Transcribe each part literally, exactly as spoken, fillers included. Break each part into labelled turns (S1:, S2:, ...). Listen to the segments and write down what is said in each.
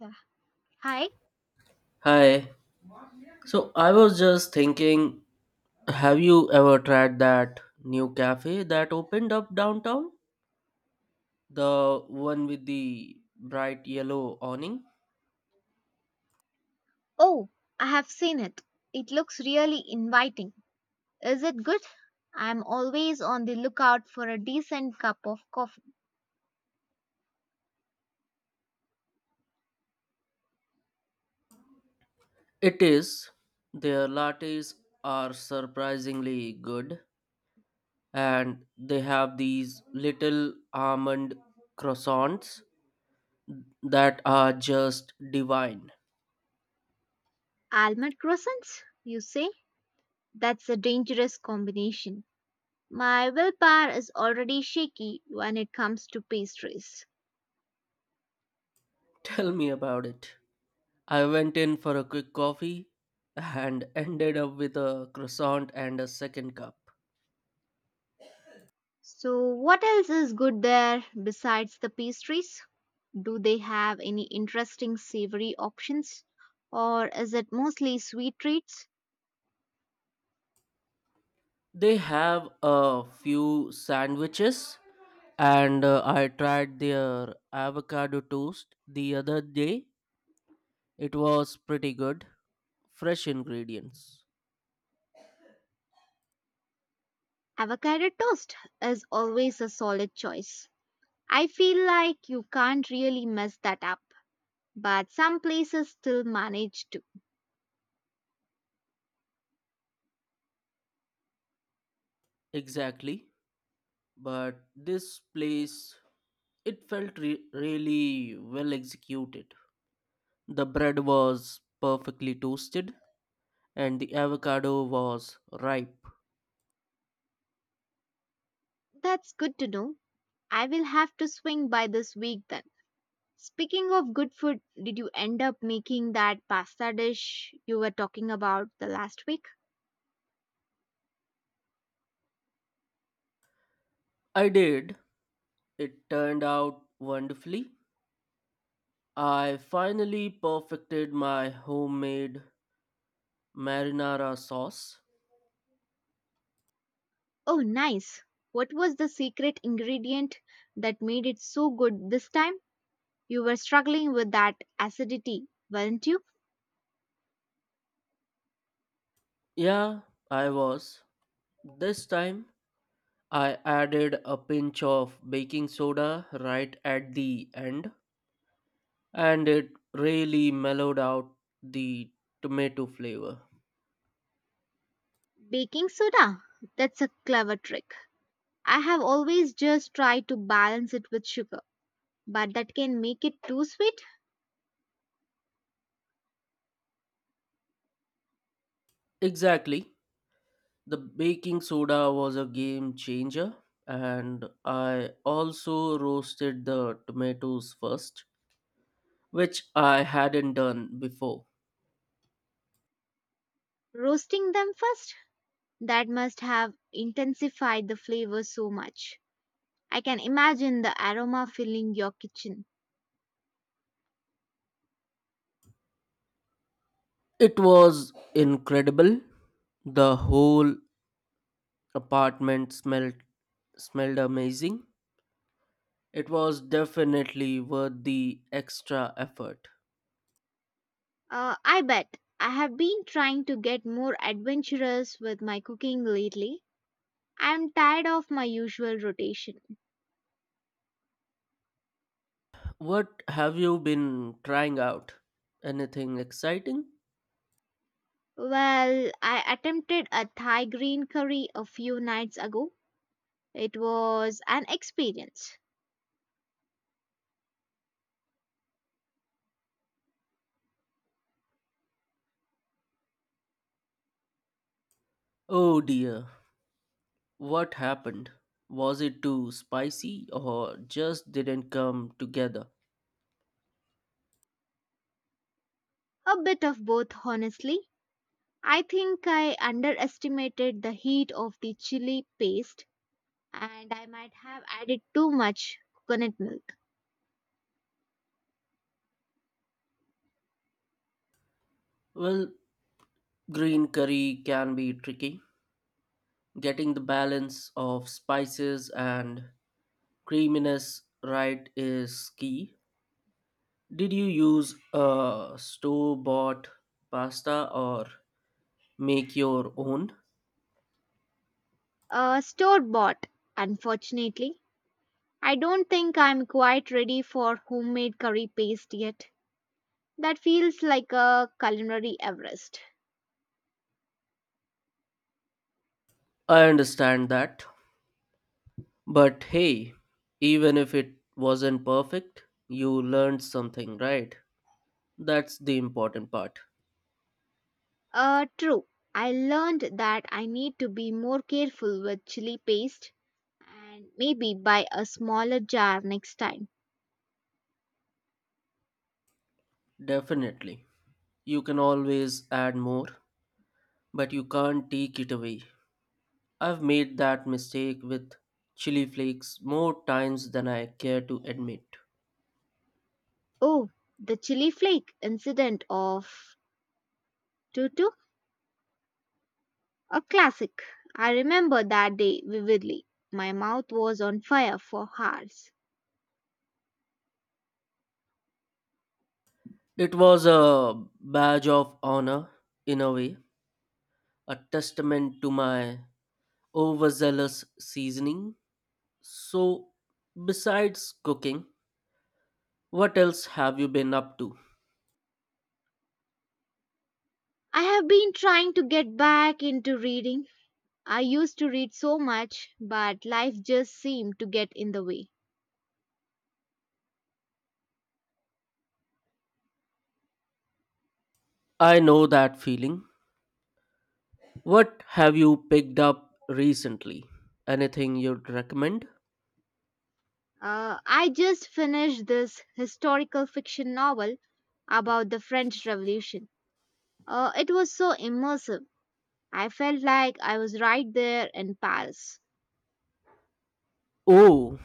S1: Yeah. Hi.
S2: Hi. So I was just thinking, have you ever tried that new cafe that opened up downtown? The one with the bright yellow awning?
S1: Oh, I have seen it. It looks really inviting. Is it good? I'm always on the lookout for a decent cup of coffee.
S2: It is. Their lattes are surprisingly good, and they have these little almond croissants that are just divine.
S1: Almond croissants, you say? That's a dangerous combination. My willpower is already shaky when it comes to pastries.
S2: Tell me about it. I went in for a quick coffee and ended up with a croissant and a second cup.
S1: So, what else is good there besides the pastries? Do they have any interesting savory options? Or is it mostly sweet treats?
S2: They have a few sandwiches, and uh, I tried their avocado toast the other day. It was pretty good. Fresh ingredients.
S1: Avocado toast is always a solid choice. I feel like you can't really mess that up, but some places still manage to.
S2: Exactly. But this place, it felt re- really well executed. The bread was perfectly toasted, and the avocado was ripe.
S1: That's good to know. I will have to swing by this week then. Speaking of good food, did you end up making that pasta dish you were talking about the last week?
S2: I did. It turned out wonderfully. I finally perfected my homemade marinara sauce.
S1: Oh, nice. What was the secret ingredient that made it so good this time? You were struggling with that acidity, weren't you?
S2: Yeah, I was. This time I added a pinch of baking soda right at the end, and it really mellowed out the tomato flavor.
S1: Baking soda? That's a clever trick. I have always just tried to balance it with sugar, but that can make it too sweet.
S2: Exactly. The baking soda was a game changer, and I also roasted the tomatoes first, which I hadn't done before.
S1: Roasting them first? That must have intensified the flavor so much. I can imagine the aroma filling your kitchen.
S2: It was incredible. The whole apartment smelled smelled amazing. It was definitely worth the extra effort.
S1: Uh, I bet I have been trying to get more adventurous with my cooking lately. I'm tired of my usual rotation.
S2: What have you been trying out? Anything exciting?
S1: Well, I attempted a Thai green curry a few nights ago. It was an experience.
S2: Oh dear, what happened? Was it too spicy or just didn't come together?
S1: A bit of both, honestly. I think I underestimated the heat of the chili paste and I might have added too much coconut milk.
S2: Well, green curry can be tricky. Getting the balance of spices and creaminess right is key. Did you use a store bought pasta or make your own?
S1: Uh, Store bought, unfortunately. I don't think I'm quite ready for homemade curry paste yet. That feels like a culinary Everest.
S2: I understand that. But hey, even if it wasn't perfect, you learned something, right? That's the important part.
S1: Uh, true. I learned that I need to be more careful with chili paste and maybe buy a smaller jar next time.
S2: Definitely. You can always add more, but you can't take it away. I've made that mistake with chili flakes more times than I care to admit.
S1: Oh, the chili flake incident of Tutu? A classic. I remember that day vividly. My mouth was on fire for hours.
S2: It was a badge of honor, in a way, a testament to my overzealous seasoning. So, besides cooking, what else have you been up to?
S1: I have been trying to get back into reading. I used to read so much, but life just seemed to get in the way.
S2: I know that feeling. What have you picked up recently? Anything you'd recommend?
S1: Uh, I just finished this historical fiction novel about the French Revolution. Uh, it was so immersive. I felt like I was right there in Paris.
S2: Oh,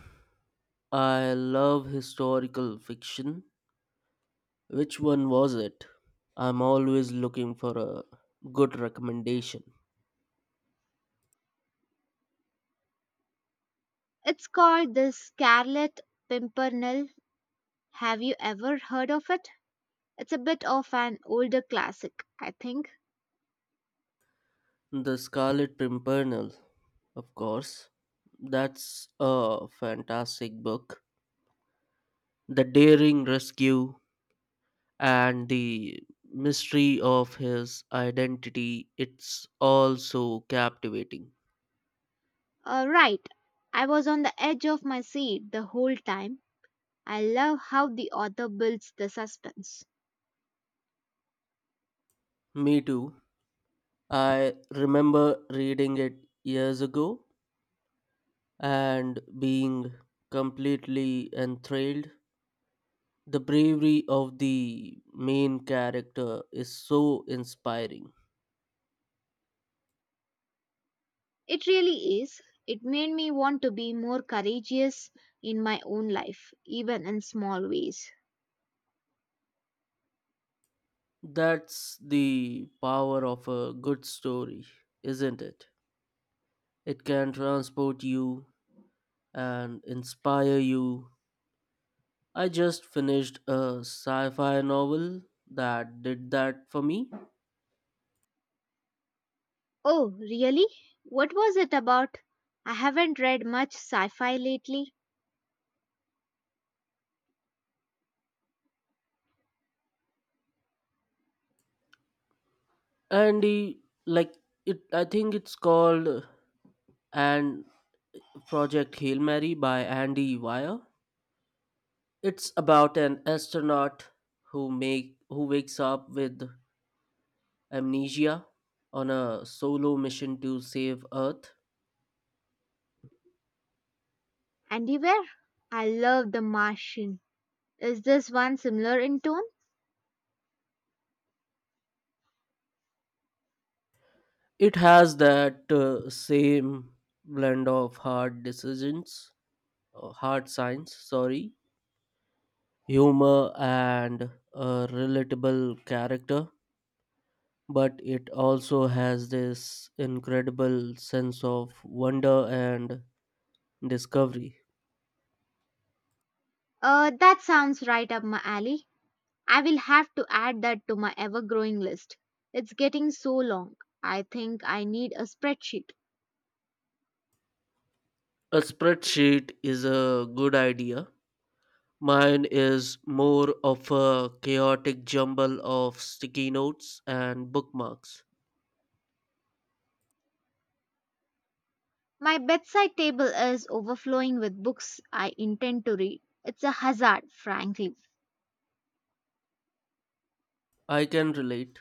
S2: I love historical fiction. Which one was it? I'm always looking for a good recommendation.
S1: It's called The Scarlet Pimpernel. Have you ever heard of it? It's a bit of an older classic, I think.
S2: The Scarlet Pimpernel, of course. That's a fantastic book. The daring rescue and the mystery of his identity, it's all so captivating.
S1: Uh, right. I was on the edge of my seat the whole time. I love how the author builds the suspense.
S2: Me too. I remember reading it years ago and being completely enthralled. The bravery of the main character is so inspiring.
S1: It really is. It made me want to be more courageous in my own life, even in small ways.
S2: That's the power of a good story, isn't it? It can transport you and inspire you. I just finished a sci fi novel that did that for me.
S1: Oh, really? What was it about? I haven't read much sci fi lately.
S2: And the, like it I think it's called and Project Hail Mary by Andy Weir. It's about an astronaut who make who wakes up with amnesia on a solo mission to save Earth.
S1: Anywhere? I love The Martian. Is this one similar in tone?
S2: It has that uh, same blend of hard decisions, uh, hard science, sorry, humor and a relatable character, but it also has this incredible sense of wonder and discovery.
S1: Uh, that sounds right up my alley. I will have to add that to my ever growing list. It's getting so long. I think I need a spreadsheet.
S2: A spreadsheet is a good idea. Mine is more of a chaotic jumble of sticky notes and bookmarks.
S1: My bedside table is overflowing with books I intend to read. It's a hazard, frankly.
S2: I can relate.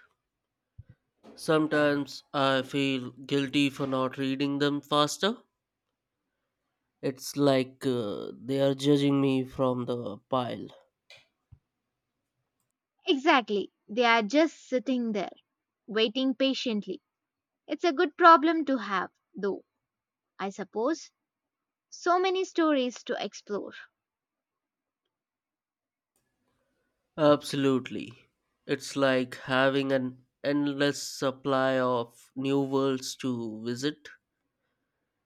S2: Sometimes I feel guilty for not reading them faster. It's like uh, they are judging me from the pile.
S1: Exactly. They are just sitting there, waiting patiently. It's a good problem to have, though, I suppose. So many stories to explore.
S2: Absolutely. It's like having an endless supply of new worlds to visit.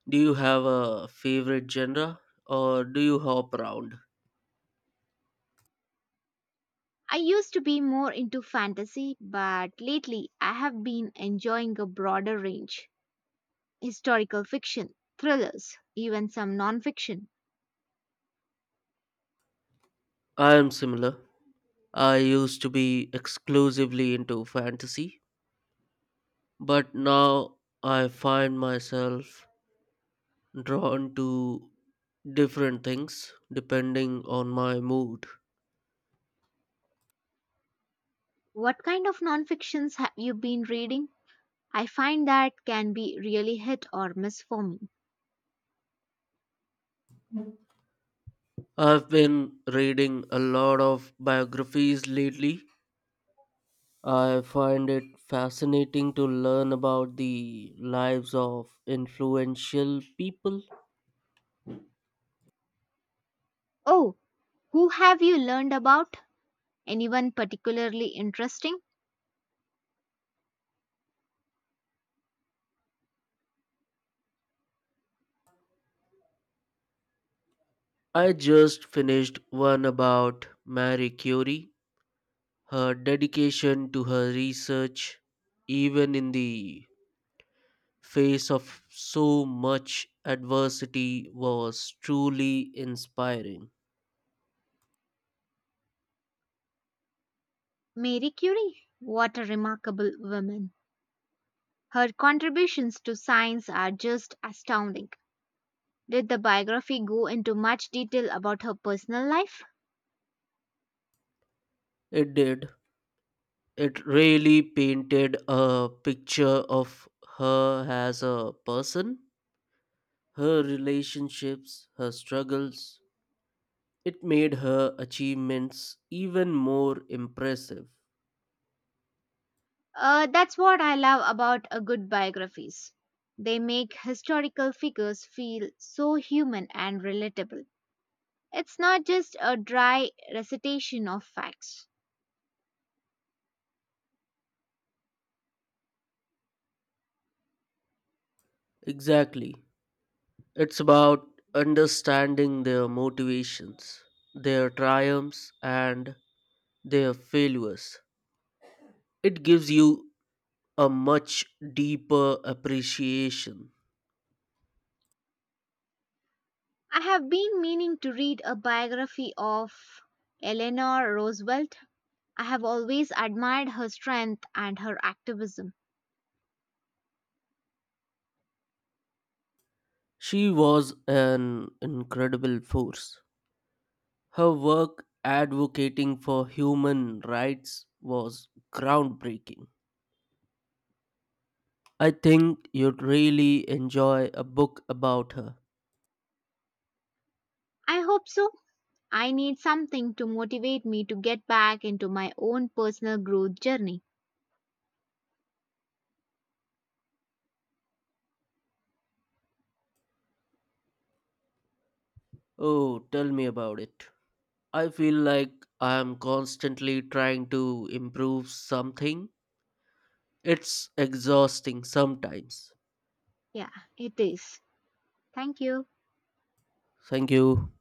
S2: Do you have a favorite genre or do you hop around?
S1: I used to be more into fantasy, but lately I have been enjoying a broader range historical fiction, thrillers, even some non fiction.
S2: I am similar. I used to be exclusively into fantasy, but now I find myself drawn to different things depending on my mood.
S1: What kind of non fictions have you been reading? I find that can be really hit or miss for me.
S2: I've been reading a lot of biographies lately. I find it fascinating to learn about the lives of influential people.
S1: Oh, who have you learned about? Anyone particularly interesting?
S2: I just finished one about Marie Curie. Her dedication to her research, even in the face of so much adversity was truly inspiring.
S1: Marie Curie. What a remarkable woman. Her contributions to science are just astounding. Did the biography go into much detail about her personal life?
S2: It did. It really painted a picture of her as a person, her relationships, her struggles. It made her achievements even more impressive.
S1: Uh, that's what I love about a good biographies. They make historical figures feel so human and relatable. It's not just a dry recitation of facts.
S2: Exactly. It's about understanding their motivations, their triumphs, and their failures. It gives you a much deeper appreciation.
S1: I have been meaning to read a biography of Eleanor Roosevelt. I have always admired her strength and her activism.
S2: She was an incredible force. Her work advocating for human rights was groundbreaking. I think you'd really enjoy a book about her.
S1: I hope so. I need something to motivate me to get back into my own personal growth journey.
S2: Oh, tell me about it. I feel like I am constantly trying to improve something. It's exhausting sometimes.
S1: Yeah, it is. Thank you.
S2: Thank you.